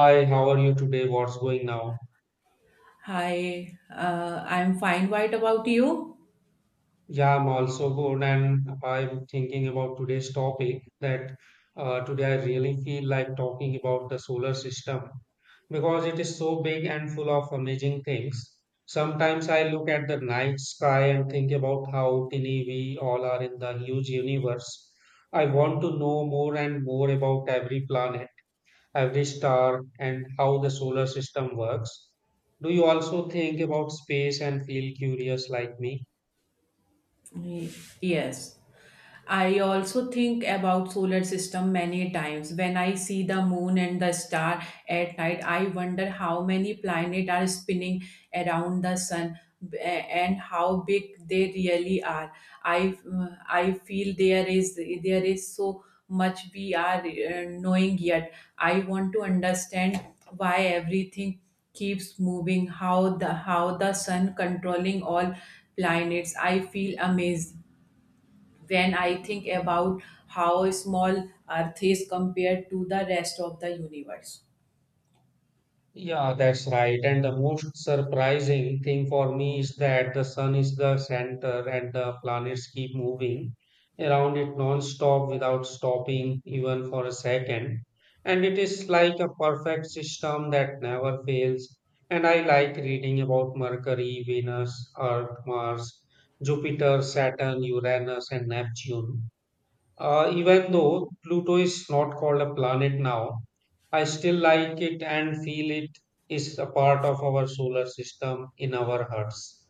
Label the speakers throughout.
Speaker 1: Hi, how are you today? What's going now?
Speaker 2: Hi, I'm fine. What about you?
Speaker 1: Yeah, I'm also good, and I'm thinking about today's topic that today I really feel like talking about the solar system because it is so big and full of amazing things. Sometimes I look at the night sky and think about how tiny we all are in the huge universe. I want to know more and more about every planet every star, and how the solar system works. Do you also think about space and feel curious like me?
Speaker 2: Y- Yes. I also think about solar system many times. When I see the moon and the star at night, I wonder how many planets are spinning around the sun and how big they really are. I I feel there is so much we are knowing yet. I want to understand why everything keeps moving, how the sun controlling all planets. I feel amazed when I think about how small Earth is compared to the rest of the universe.
Speaker 1: Yeah, that's right. And the most surprising thing for me is that the sun is the center and the planets keep moving around it non-stop without stopping even for a second. And it is like a perfect system that never fails. And I like reading about Mercury, Venus, Earth, Mars, Jupiter, Saturn, Uranus, and Neptune. Even though Pluto is not called a planet now, I still like it and feel it is a part of our solar system in our hearts.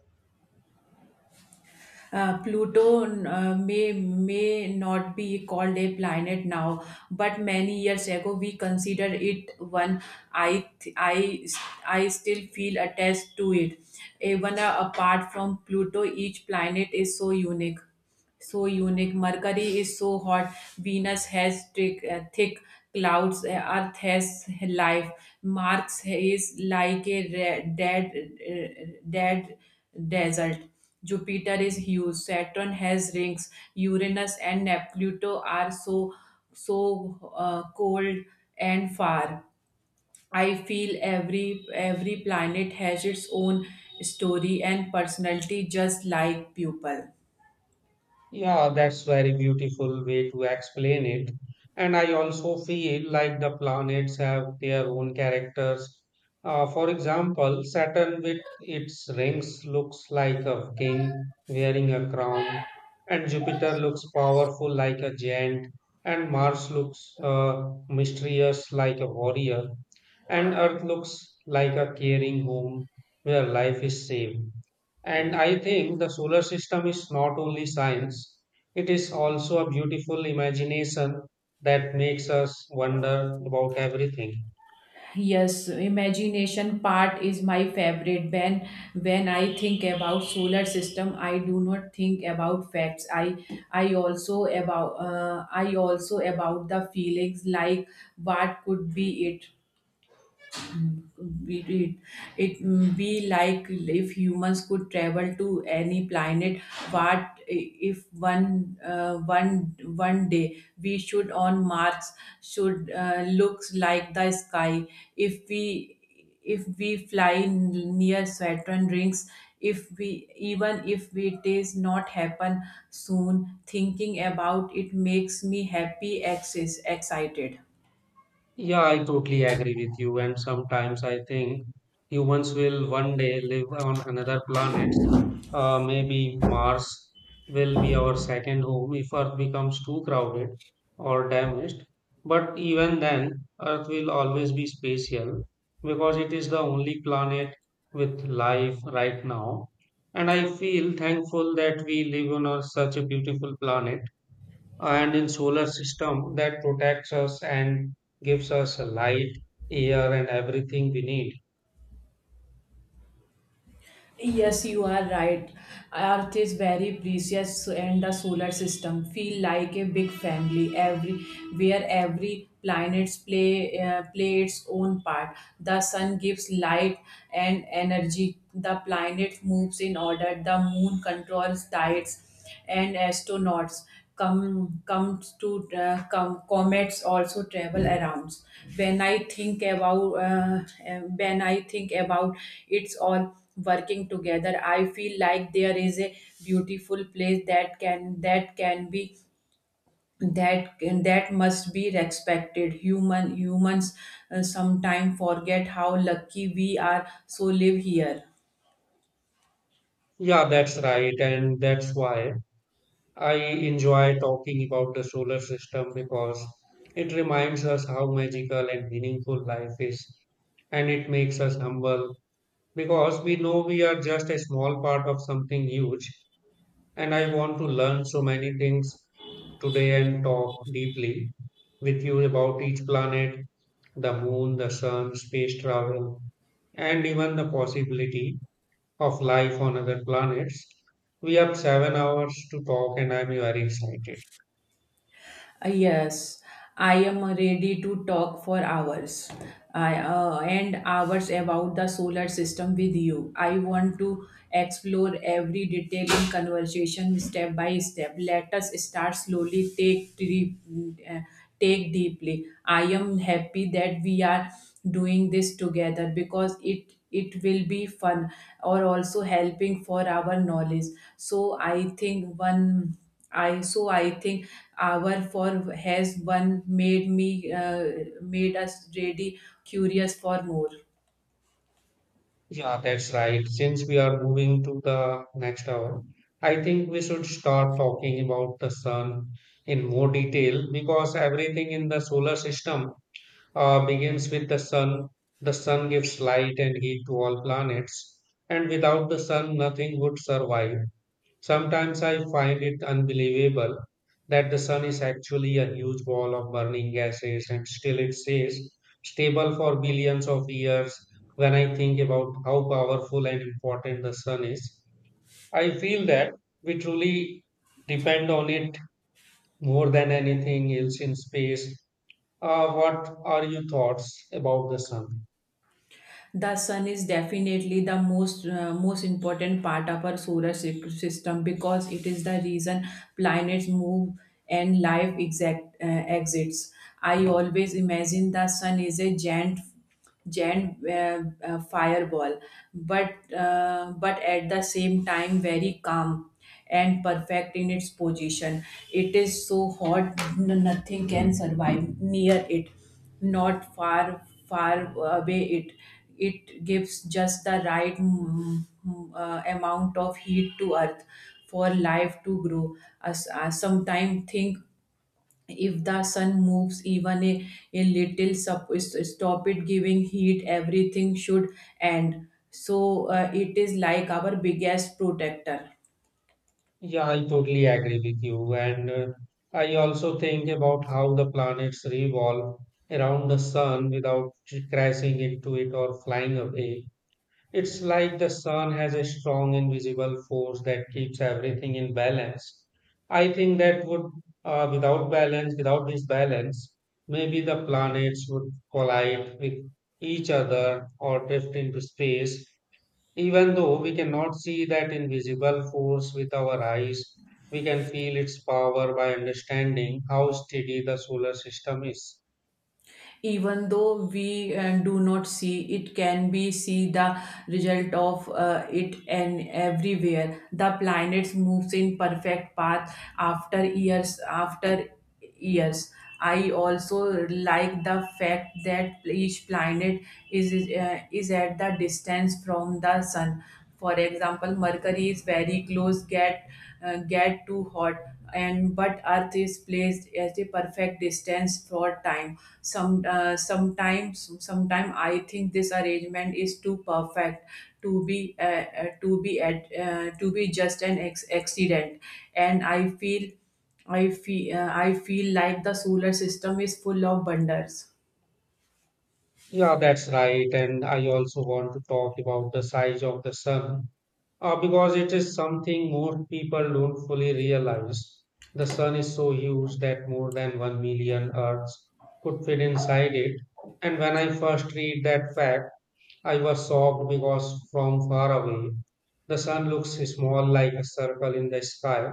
Speaker 2: Pluto may not be called a planet now, but many years ago we considered it one. I th- I still feel attached to it. Even apart from Pluto, each planet is so unique. Mercury is so hot. Venus has thick clouds. Earth has life. Mars is like a dead desert. Jupiter is huge. Saturn has rings. Uranus and Neptune are so cold and far. I feel every planet has its own story and personality, just like people.
Speaker 1: Yeah, that's very beautiful way to explain it. And I also feel like the planets have their own characters. For example, Saturn with its rings looks like a king wearing a crown, and Jupiter looks powerful like a giant, and Mars looks mysterious like a warrior, and Earth looks like a caring home where life is safe. And I think the solar system is not only science, it is also a beautiful imagination that makes us wonder about everything.
Speaker 2: Yes, imagination part is my favorite. When I think about solar system, I do not think about facts. I also about the feelings like what could be it we it be like if humans could travel to any planet. What if one day we should on Mars should looks like the sky, if we fly near Saturn rings, if we even if it is not happen soon, thinking about it makes me happy excited.
Speaker 1: Yeah, I totally agree with you. And sometimes I think humans will one day live on another planet. Maybe Mars will be our second home if Earth becomes too crowded or damaged. But even then, Earth will always be spatial because it is the only planet with life right now. And I feel thankful that we live on a, such a beautiful planet and in solar system that protects us and gives us light air and everything we need.
Speaker 2: Yes, you are right. Earth is very precious and the solar system feel like a big family, every where every planets play its own part. The sun gives light and energy. The planet moves in order. The moon controls tides and astronauts come comes to come comets also travel around. When i think about uh, uh, when i think about it's all working together, I feel like there is a beautiful place that can be, that that must be respected. Humans sometimes forget how lucky we are so live here.
Speaker 1: Yeah, that's right, and that's why I enjoy talking about the solar system because it reminds us how magical and meaningful life is, and it makes us humble because we know we are just a small part of something huge. And I want to learn so many things today and talk deeply with you about each planet, the moon, the sun, space travel, and even the possibility of life on other planets. We have 7 hours to talk, and I'm very excited.
Speaker 2: Yes, I am ready to talk for hours. I And hours about the solar system with you. I want to explore every detail in conversation step by step. Let us start slowly. Uh, take deeply. I am happy that we are doing this together because it will be fun or also helping for our knowledge. So I think our for has one made us really curious for more.
Speaker 1: Yeah, that's right. Since we are moving to the next hour, I think we should start talking about the sun in more detail because everything in the solar system begins with the sun. The sun gives light and heat to all planets, and without the sun, nothing would survive. Sometimes I find it unbelievable that the sun is actually a huge ball of burning gases, and still it stays stable for billions of years. When I think about how powerful and important the sun is, I feel that we truly depend on it more than anything else in space. What are your thoughts about the sun?
Speaker 2: The sun is definitely the most important part of our solar system because it is the reason planets move and life exact exits. I always imagine the sun is a giant fireball, but at the same time very calm and perfect in its position. It is so hot nothing can survive near it, not far far away. It gives just the right amount of heat to Earth for life to grow, as sometimes think if the sun moves even a little, stop it giving heat, everything should end, it is like our biggest protector.
Speaker 1: Yeah, I totally agree with you. And I also think about how the planets revolve around the sun without crashing into it or flying away. It's like the sun has a strong invisible force that keeps everything in balance. I think that would, without balance, without this balance, maybe the planets would collide with each other or drift into space. Even though we cannot see that invisible force with our eyes, we can feel its power by understanding how steady the solar system is.
Speaker 2: Even though we do not see it, can be see the result of it and everywhere the planets moves in perfect path, after years after years. I also like the fact that each planet is at the distance from the sun. For example, Mercury is very close, get too hot and but Earth is placed at the perfect distance for time. Sometime I think this arrangement is too perfect to be, just an accident, and I feel like the solar system is full of wonders.
Speaker 1: Yeah, that's right. And I also want to talk about the size of the sun because it is something more people don't fully realize. The sun is so huge that more than 1 million Earths could fit inside it. And when I first read that fact, I was shocked because from far away, the sun looks small like a circle in the sky.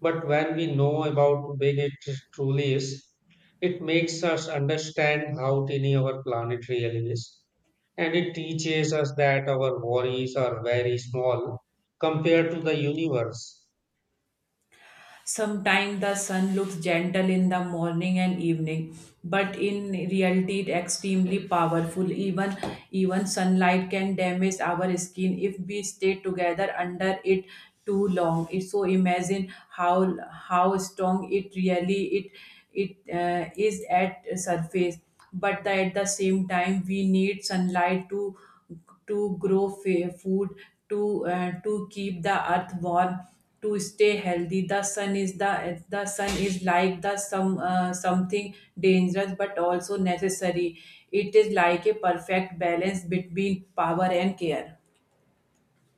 Speaker 1: But when we know about how big it truly is, it makes us understand how tiny our planet really is. And it teaches us that our worries are very small compared to the universe.
Speaker 2: Sometimes the sun looks gentle in the morning and evening, but in reality it extremely powerful. Even sunlight can damage our skin if we stay together under it too long. So imagine how strong it really it it is at surface. But at the same time, we need sunlight to grow food, to keep the Earth warm, to stay healthy. The sun is like the some something dangerous but also necessary. It is like a perfect balance between power and care.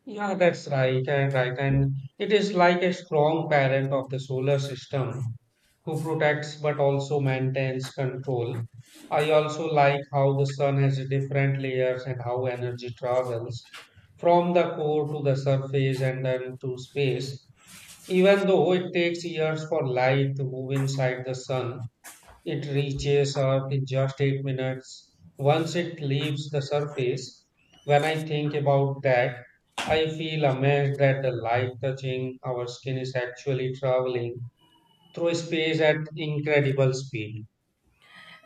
Speaker 1: Yeah, that's right, and it is like a strong parent of the solar system who protects but also maintains control. I also like how the sun has different layers and how energy travels from the core to the surface and then to space, even though it takes years for light to move inside the sun. It reaches Earth in just 8 minutes once it leaves the surface. When I think about that, I feel amazed that the light touching our skin is actually traveling through space at incredible speed.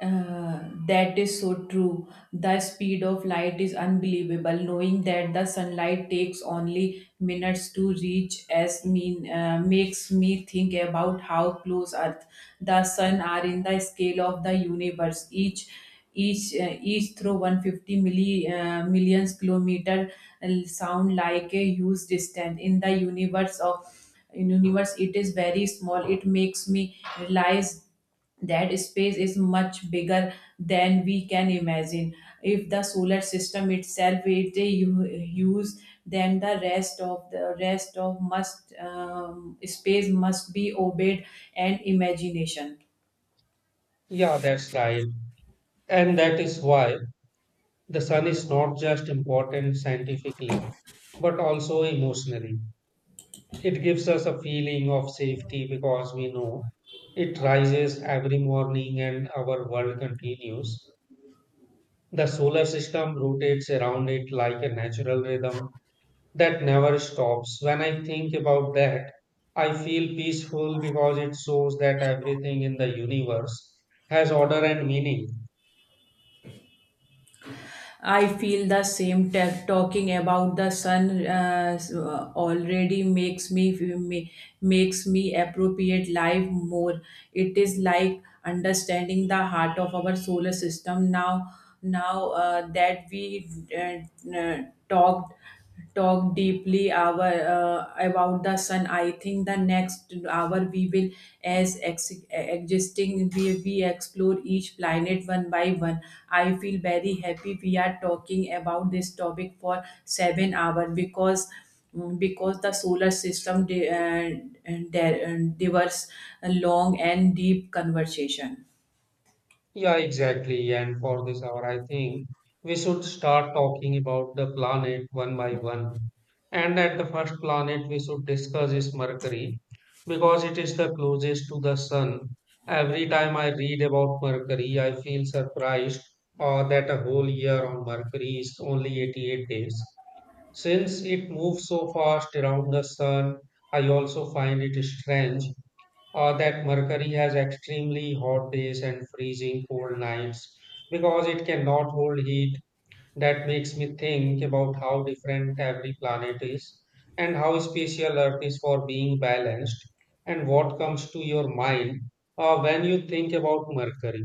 Speaker 2: That is so true. The speed of light is unbelievable. Knowing that the sunlight takes only minutes to reach as mean makes me think about how close Earth, the Sun, are in the scale of the universe. Each through 150 millions kilometer sound like a huge distance in the universe of in universe it is very small. It makes me realize that space is much bigger than we can imagine. If the solar system itself use, then the rest of must, space must be obeyed, and imagination.
Speaker 1: Yeah, that's right. And that is why the sun is not just important scientifically, but also emotionally. It gives us a feeling of safety because we know it rises every morning and our world continues. The solar system rotates around it like a natural rhythm that never stops. When I think about that, I feel peaceful because it shows that everything in the universe has order and meaning.
Speaker 2: I feel the same. Talking about the sun already makes me appropriate life more. It is like understanding the heart of our solar system now. Now that we uh, uh, talked talk deeply our about the sun, I think the next hour we will, as ex- existing we explore each planet one by one. I feel very happy we are talking about this topic for 7 hour because the solar system, and diverse, long and deep conversation.
Speaker 1: Yeah, exactly. And for this hour, I think we should start talking about the planet one by one. And at the first planet we should discuss is Mercury because it is the closest to the sun. Every time I read about Mercury, I feel surprised that a whole year on Mercury is only 88 days. Since it moves so fast around the sun, I also find it strange that Mercury has extremely hot days and freezing cold nights because it cannot hold heat. That makes me think about how different every planet is and how special Earth is for being balanced. And what comes to your mind when you think about Mercury?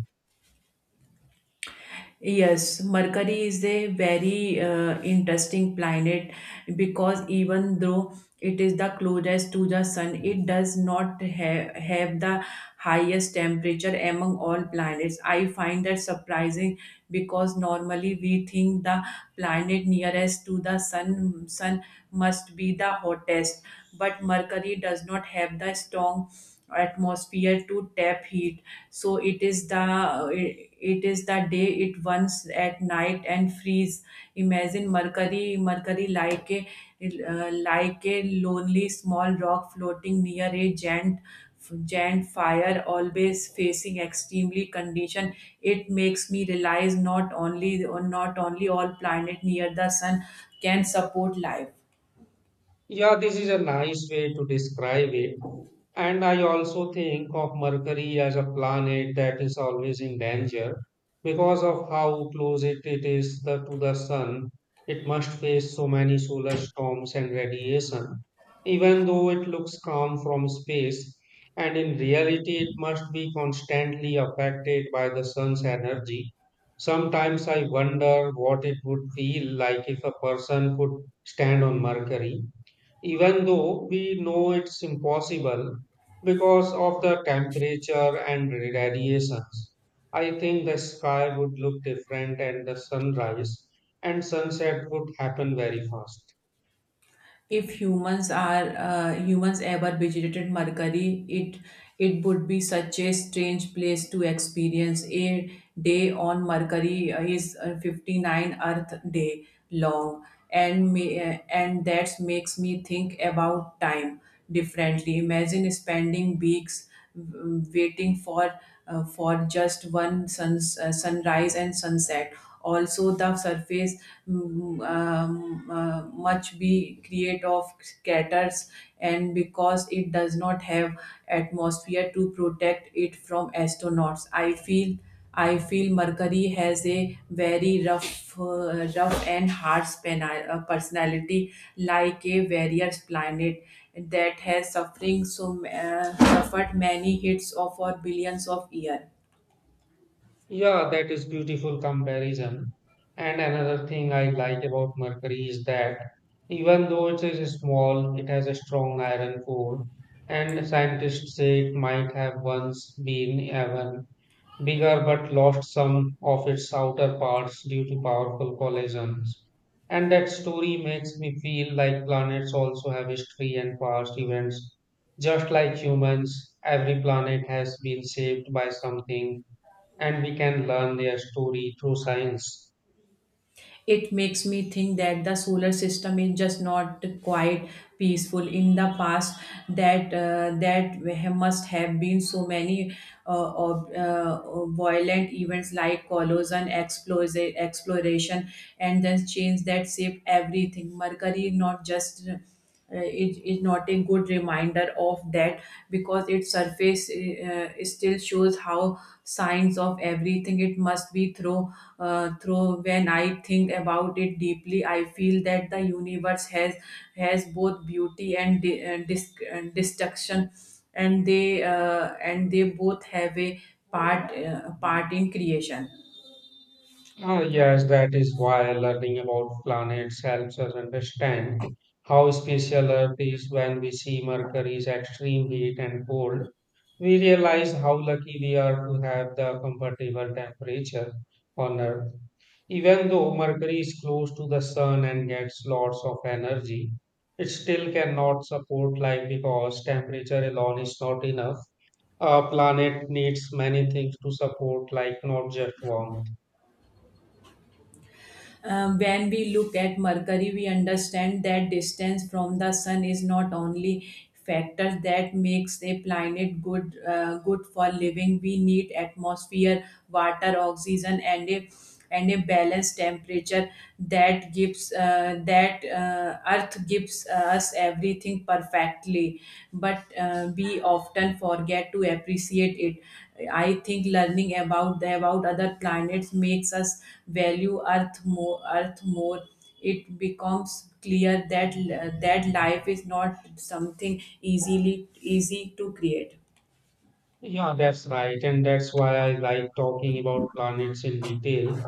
Speaker 2: Yes, Mercury is a very interesting planet because even though it is the closest to the sun, it does not have the highest temperature among all planets. I find that surprising because normally we think the planet nearest to the sun must be the hottest, but Mercury does not have the strong atmosphere to tap heat, so it is the day it once at night and freeze. Imagine Mercury like a lonely small rock floating near a giant fire, always facing extremely condition. It makes me realize not only all planet near the sun can support life.
Speaker 1: Yeah, this is a nice way to describe it. And I also think of Mercury as a planet that is always in danger because of how close it is to the sun. It must face so many solar storms and radiation, even though it looks calm from space. And in reality, it must be constantly affected by the sun's energy. Sometimes I wonder what it would feel like if a person could stand on Mercury even though we know it's impossible because of the temperature and radiations. I think the sky would look different and the sunrise and sunset would happen very fast.
Speaker 2: If humans ever visited Mercury, it would be such a strange place to experience. A day on Mercury is 59 Earth day long, and that makes me think about time differently. Imagine spending weeks waiting for just one suns sunrise and sunset. Also, the surface much be create of craters, and because it does not have atmosphere to protect it from astronauts, I feel Mercury has a very rough and harsh personality, like a various planet that has suffering so suffered many hits of for billions of years.
Speaker 1: Yeah, that is beautiful comparison. And another thing I like about Mercury is that even though it is small, it has a strong iron core, and scientists say it might have once been even bigger but lost some of its outer parts due to powerful collisions. And that story makes me feel like planets also have history and past events. Just like humans, every planet has been saved by something, and we can learn their story through science.
Speaker 2: It makes me think that the solar system is just not quite peaceful in the past, that must have been so many violent events like collision, explosion, exploration, and then change that shape everything. Mercury not just is not a good reminder of that because its surface still shows how signs of everything it must be through. When I think about it deeply, I feel that the universe has both beauty and destruction, and they both have a part in creation.
Speaker 1: Ah, yes, that is why learning about planets helps us understand how special Earth is. When we see Mercury's extreme heat and cold, we realize how lucky we are to have the comfortable temperature on Earth. Even though Mercury is close to the Sun and gets lots of energy, it still cannot support life because temperature alone is not enough. A planet needs many things to support life, not just warmth.
Speaker 2: When we look at Mercury, we understand that distance from the sun is not only factor that makes a planet good for living. We need atmosphere, water, oxygen, and a balanced temperature that gives that Earth gives us everything perfectly, but we often forget to appreciate it. I think learning about the about other planets makes us value Earth more. It becomes clear that life is not something easily easy to create.
Speaker 1: Yeah, that's right. And that's why I like talking about planets in detail.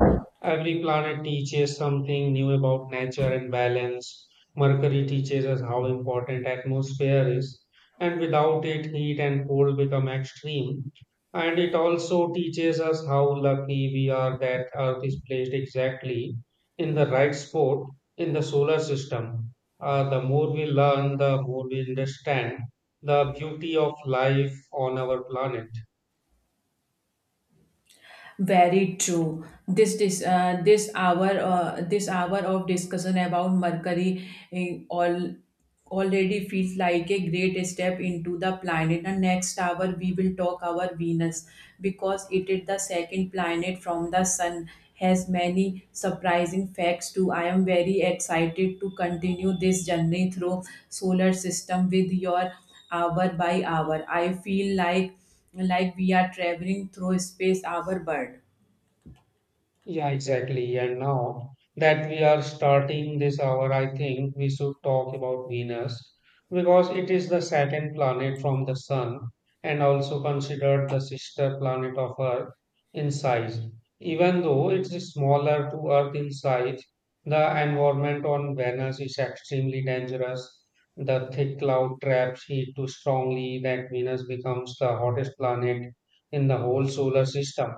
Speaker 1: Every planet teaches something new about nature and balance. Mercury teaches us how important atmosphere is, and without it, heat and cold become extreme. And it also teaches us how lucky we are that Earth is placed exactly in the right spot in the solar system. The more we learn, the more we understand the beauty of life on our planet.
Speaker 2: Very true. This hour of discussion about Mercury eh, all already feels like a great step into the planet. And next hour we will talk our Venus because it is the second planet from the Sun. Has many surprising facts too. I am very excited to continue this journey through solar system with your hour by hour. I feel like we are traveling through space our bird.
Speaker 1: Yeah, exactly. And now that we are starting this hour, I think we should talk about Venus because it is the second planet from the Sun and also considered the sister planet of Earth in size. Even though it is smaller to Earth in size, the environment on Venus is extremely dangerous. The thick cloud traps heat too strongly that Venus becomes the hottest planet in the whole solar system.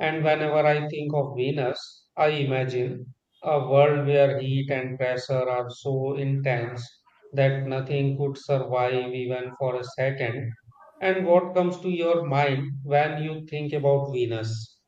Speaker 1: And whenever I think of Venus, I imagine a world where heat and pressure are so intense that nothing could survive even for a second. And what comes to your mind when you think about Venus?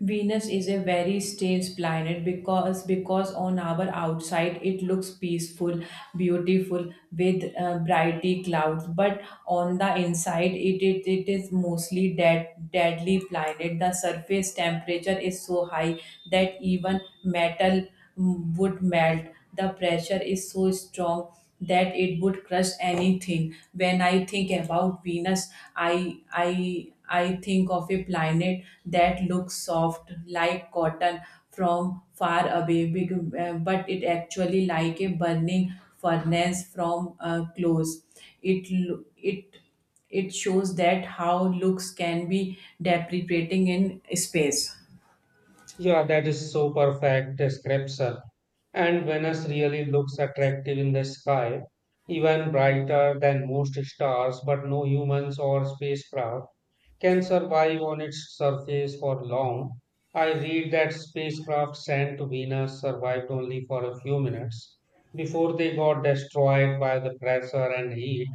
Speaker 2: Venus is a very strange planet because on our outside it looks peaceful, beautiful, with brighty clouds, but on the inside, it is mostly deadly planet. The surface temperature is so high that even metal would melt. The pressure is so strong that it would crush anything. When I think about Venus, I think of a planet that looks soft like cotton from far away, big, but it actually like a burning furnace from close. It it shows that how looks can be depreciating in space.
Speaker 1: Yeah, that is so perfect description. And Venus really looks attractive in the sky, even brighter than most stars, but no humans or spacecraft can survive on its surface for long. I read that spacecraft sent to Venus survived only for a few minutes before they got destroyed by the pressure and heat.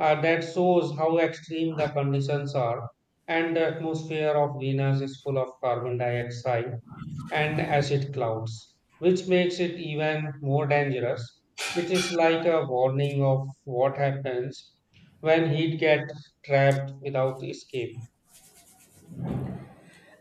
Speaker 1: That shows how extreme the conditions are, and the atmosphere of Venus is full of carbon dioxide and acid clouds, which makes it even more dangerous. It is like a warning of what happens when heat gets trapped without escape.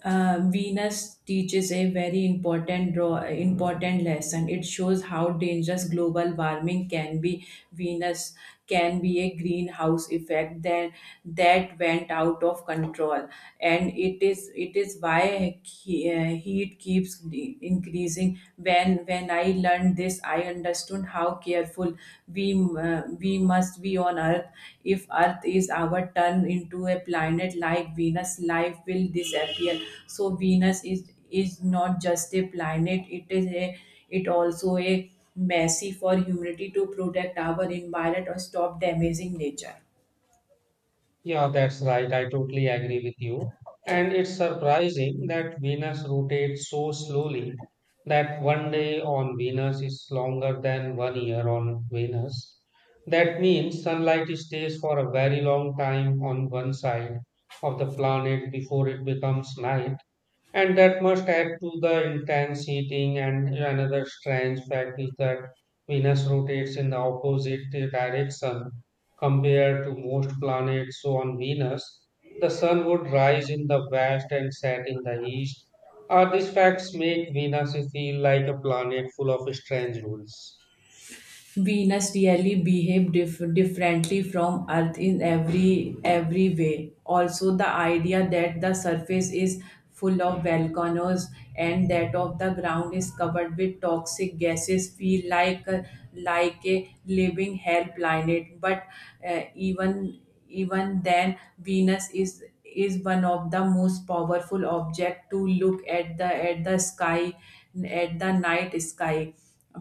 Speaker 2: Venus teaches a very important important lesson. It shows how dangerous global warming can be. Venus can be a greenhouse effect that went out of control, and it is why heat keeps increasing. When I learned this, I understood how careful we must be on Earth. If Earth is our turn into a planet like Venus, life will disappear. So Venus is not just a planet; it is a it also a mercy for humanity to protect our environment or stop damaging nature.
Speaker 1: Yeah, that's right. I totally agree with you. And it's surprising that Venus rotates so slowly that one day on Venus is longer than one year on Venus. That means sunlight stays for a very long time on one side of the planet before it becomes night. And that must add to the intense heating. And another strange fact is that Venus rotates in the opposite direction compared to most planets. So on Venus, the sun would rise in the west and set in the east. These facts make Venus feel like a planet full of strange rules.
Speaker 2: Venus really behave differently from Earth in every way. Also, the idea that the surface is full of volcanoes and that of the ground is covered with toxic gases feel like like a living hell planet. But uh, even even then Venus is one of the most powerful object to look at the sky at the night sky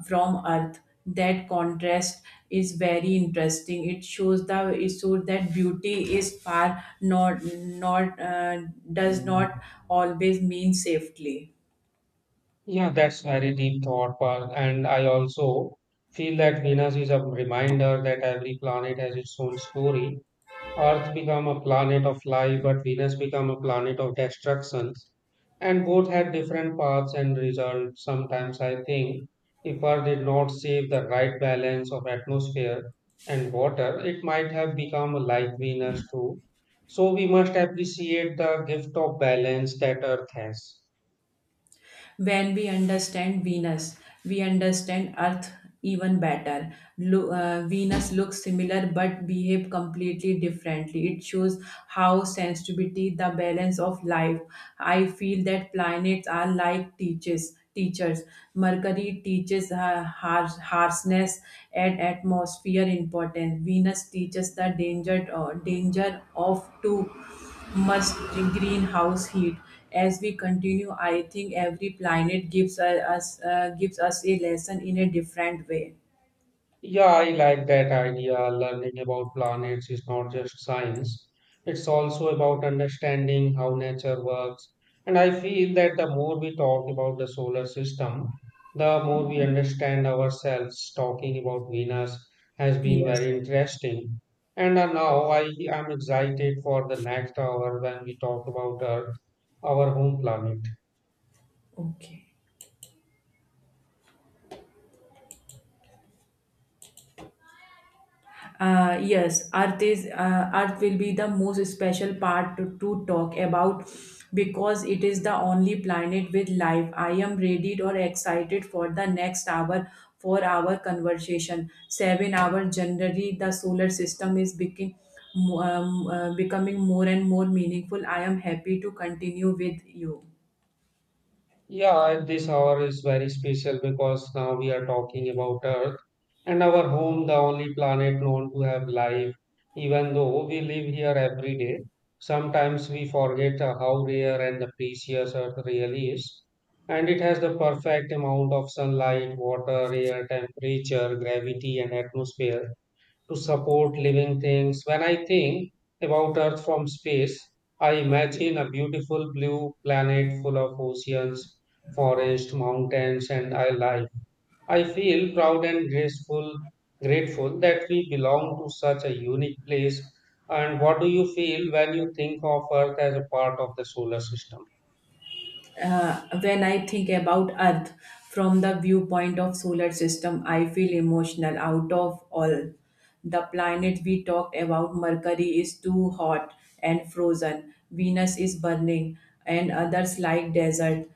Speaker 2: from earth. That contrast is very interesting. It shows the it shows that beauty is far not not does not always mean safely.
Speaker 1: Yeah, that's very deep thought, Parth. And I also feel that Venus is a reminder that every planet has its own story. Earth became a planet of life, but Venus became a planet of destruction. And both had different paths and results. Sometimes I think if Earth did not save the right balance of atmosphere and water, it might have become like Venus too. So we must appreciate the gift of balance that Earth has.
Speaker 2: When we understand Venus, we understand Earth even better. Venus looks similar but behave completely differently. It shows how sensitivity, the balance of life. I feel that planets are like teachers. Teachers. Mercury teaches harshness and atmosphere importance. Venus teaches the danger of too much greenhouse heat. As we continue, I think every planet gives us a lesson in a different way.
Speaker 1: Yeah, I like that idea. Learning about planets is not just science, it's also about understanding how nature works. And I feel that the more we talk about the solar system, the more we understand ourselves. Talking about Venus has been
Speaker 2: Yes.
Speaker 1: very interesting. And now I am excited for the next hour when we talk about Earth, our home planet.
Speaker 2: Okay. Yes, Earth will be the most special part to talk about because it is the only planet with life. I am ready or excited for the next hour for our conversation. 7 hour generally the solar system is becoming becoming more and more meaningful. I am happy to continue with you.
Speaker 1: Yeah, and this hour is very special because now we are talking about Earth and our home, the only planet known to have life. Even though we live here every day, sometimes we forget how rare and precious Earth really is. And it has the perfect amount of sunlight, water, air, temperature, gravity, and atmosphere to support living things. When I think about Earth from space, I imagine a beautiful blue planet full of oceans, forests, mountains, and life. I feel proud and graceful, grateful that we belong to such a unique place. And what do you feel when you think of Earth as a part of the solar system?
Speaker 2: When I think about Earth from the viewpoint of solar system, I feel emotional out of all. The planet we talked about, Mercury, is too hot and frozen. Venus is burning, and others like desert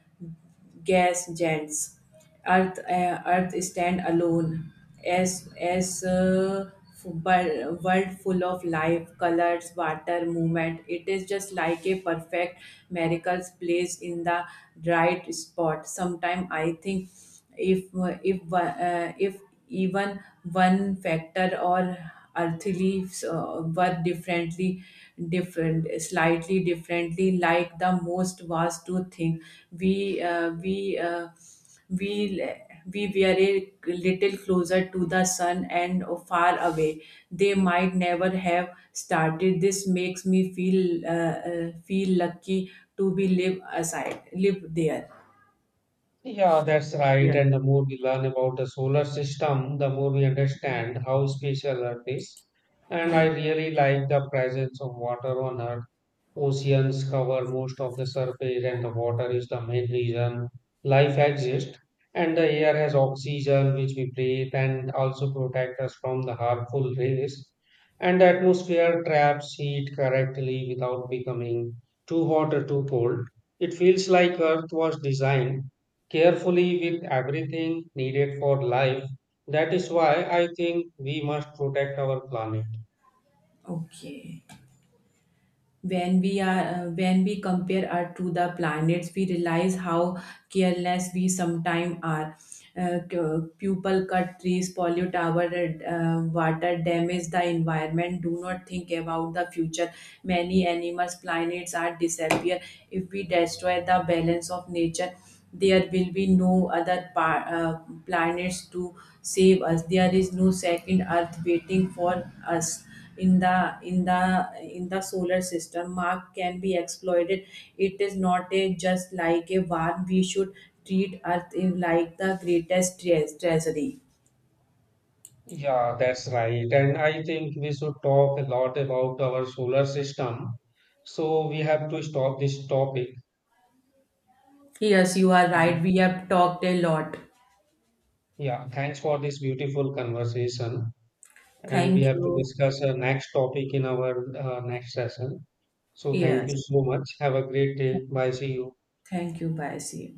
Speaker 2: gas jets. Earth stand alone as a world full of life, colors, water, movement. It is just like a perfect miracles place in the right spot. Sometimes I think if even one factor or earthly were different slightly differently like the most was to think we uh, we uh, we we were a little closer to the sun and far away, they might never have started. This makes me feel feel lucky to be live there.
Speaker 1: Yeah, that's right.
Speaker 2: Yeah.
Speaker 1: And the more we learn about the solar system, the more we understand how special Earth is. And I really like the presence of water on Earth. Oceans cover most of the surface, and the water is the main reason life exists. And the air has oxygen, which we breathe, and also protect us from the harmful rays. And the atmosphere traps heat correctly without becoming too hot or too cold. It feels like Earth was designed carefully with everything needed for life. That is why I think we must protect our planet.
Speaker 2: Okay. When we are when we compare earth to the planets, we realize how careless we sometimes are. People cut trees, pollute our water, damage the environment, do not think about the future. Many animals planets are disappear. If we destroy the balance of nature, there will be no other planets to save us. There is no second earth waiting for us in the solar system. Mark can be exploited. It is not a just like a one. We should treat earth in like the greatest treasury.
Speaker 1: Yeah, that's right. And I think we should talk a lot about our solar system. So we have to stop this topic.
Speaker 2: Yes, you are right,
Speaker 1: And
Speaker 2: we have talked a lot.
Speaker 1: yeah, thanks for this beautiful conversation. And we
Speaker 2: Thank
Speaker 1: have to
Speaker 2: you.
Speaker 1: discuss a next topic in our next session. So thank
Speaker 2: Yes,
Speaker 1: you so much. Have a great day. Bye. See you.
Speaker 2: thank you, bye, see you.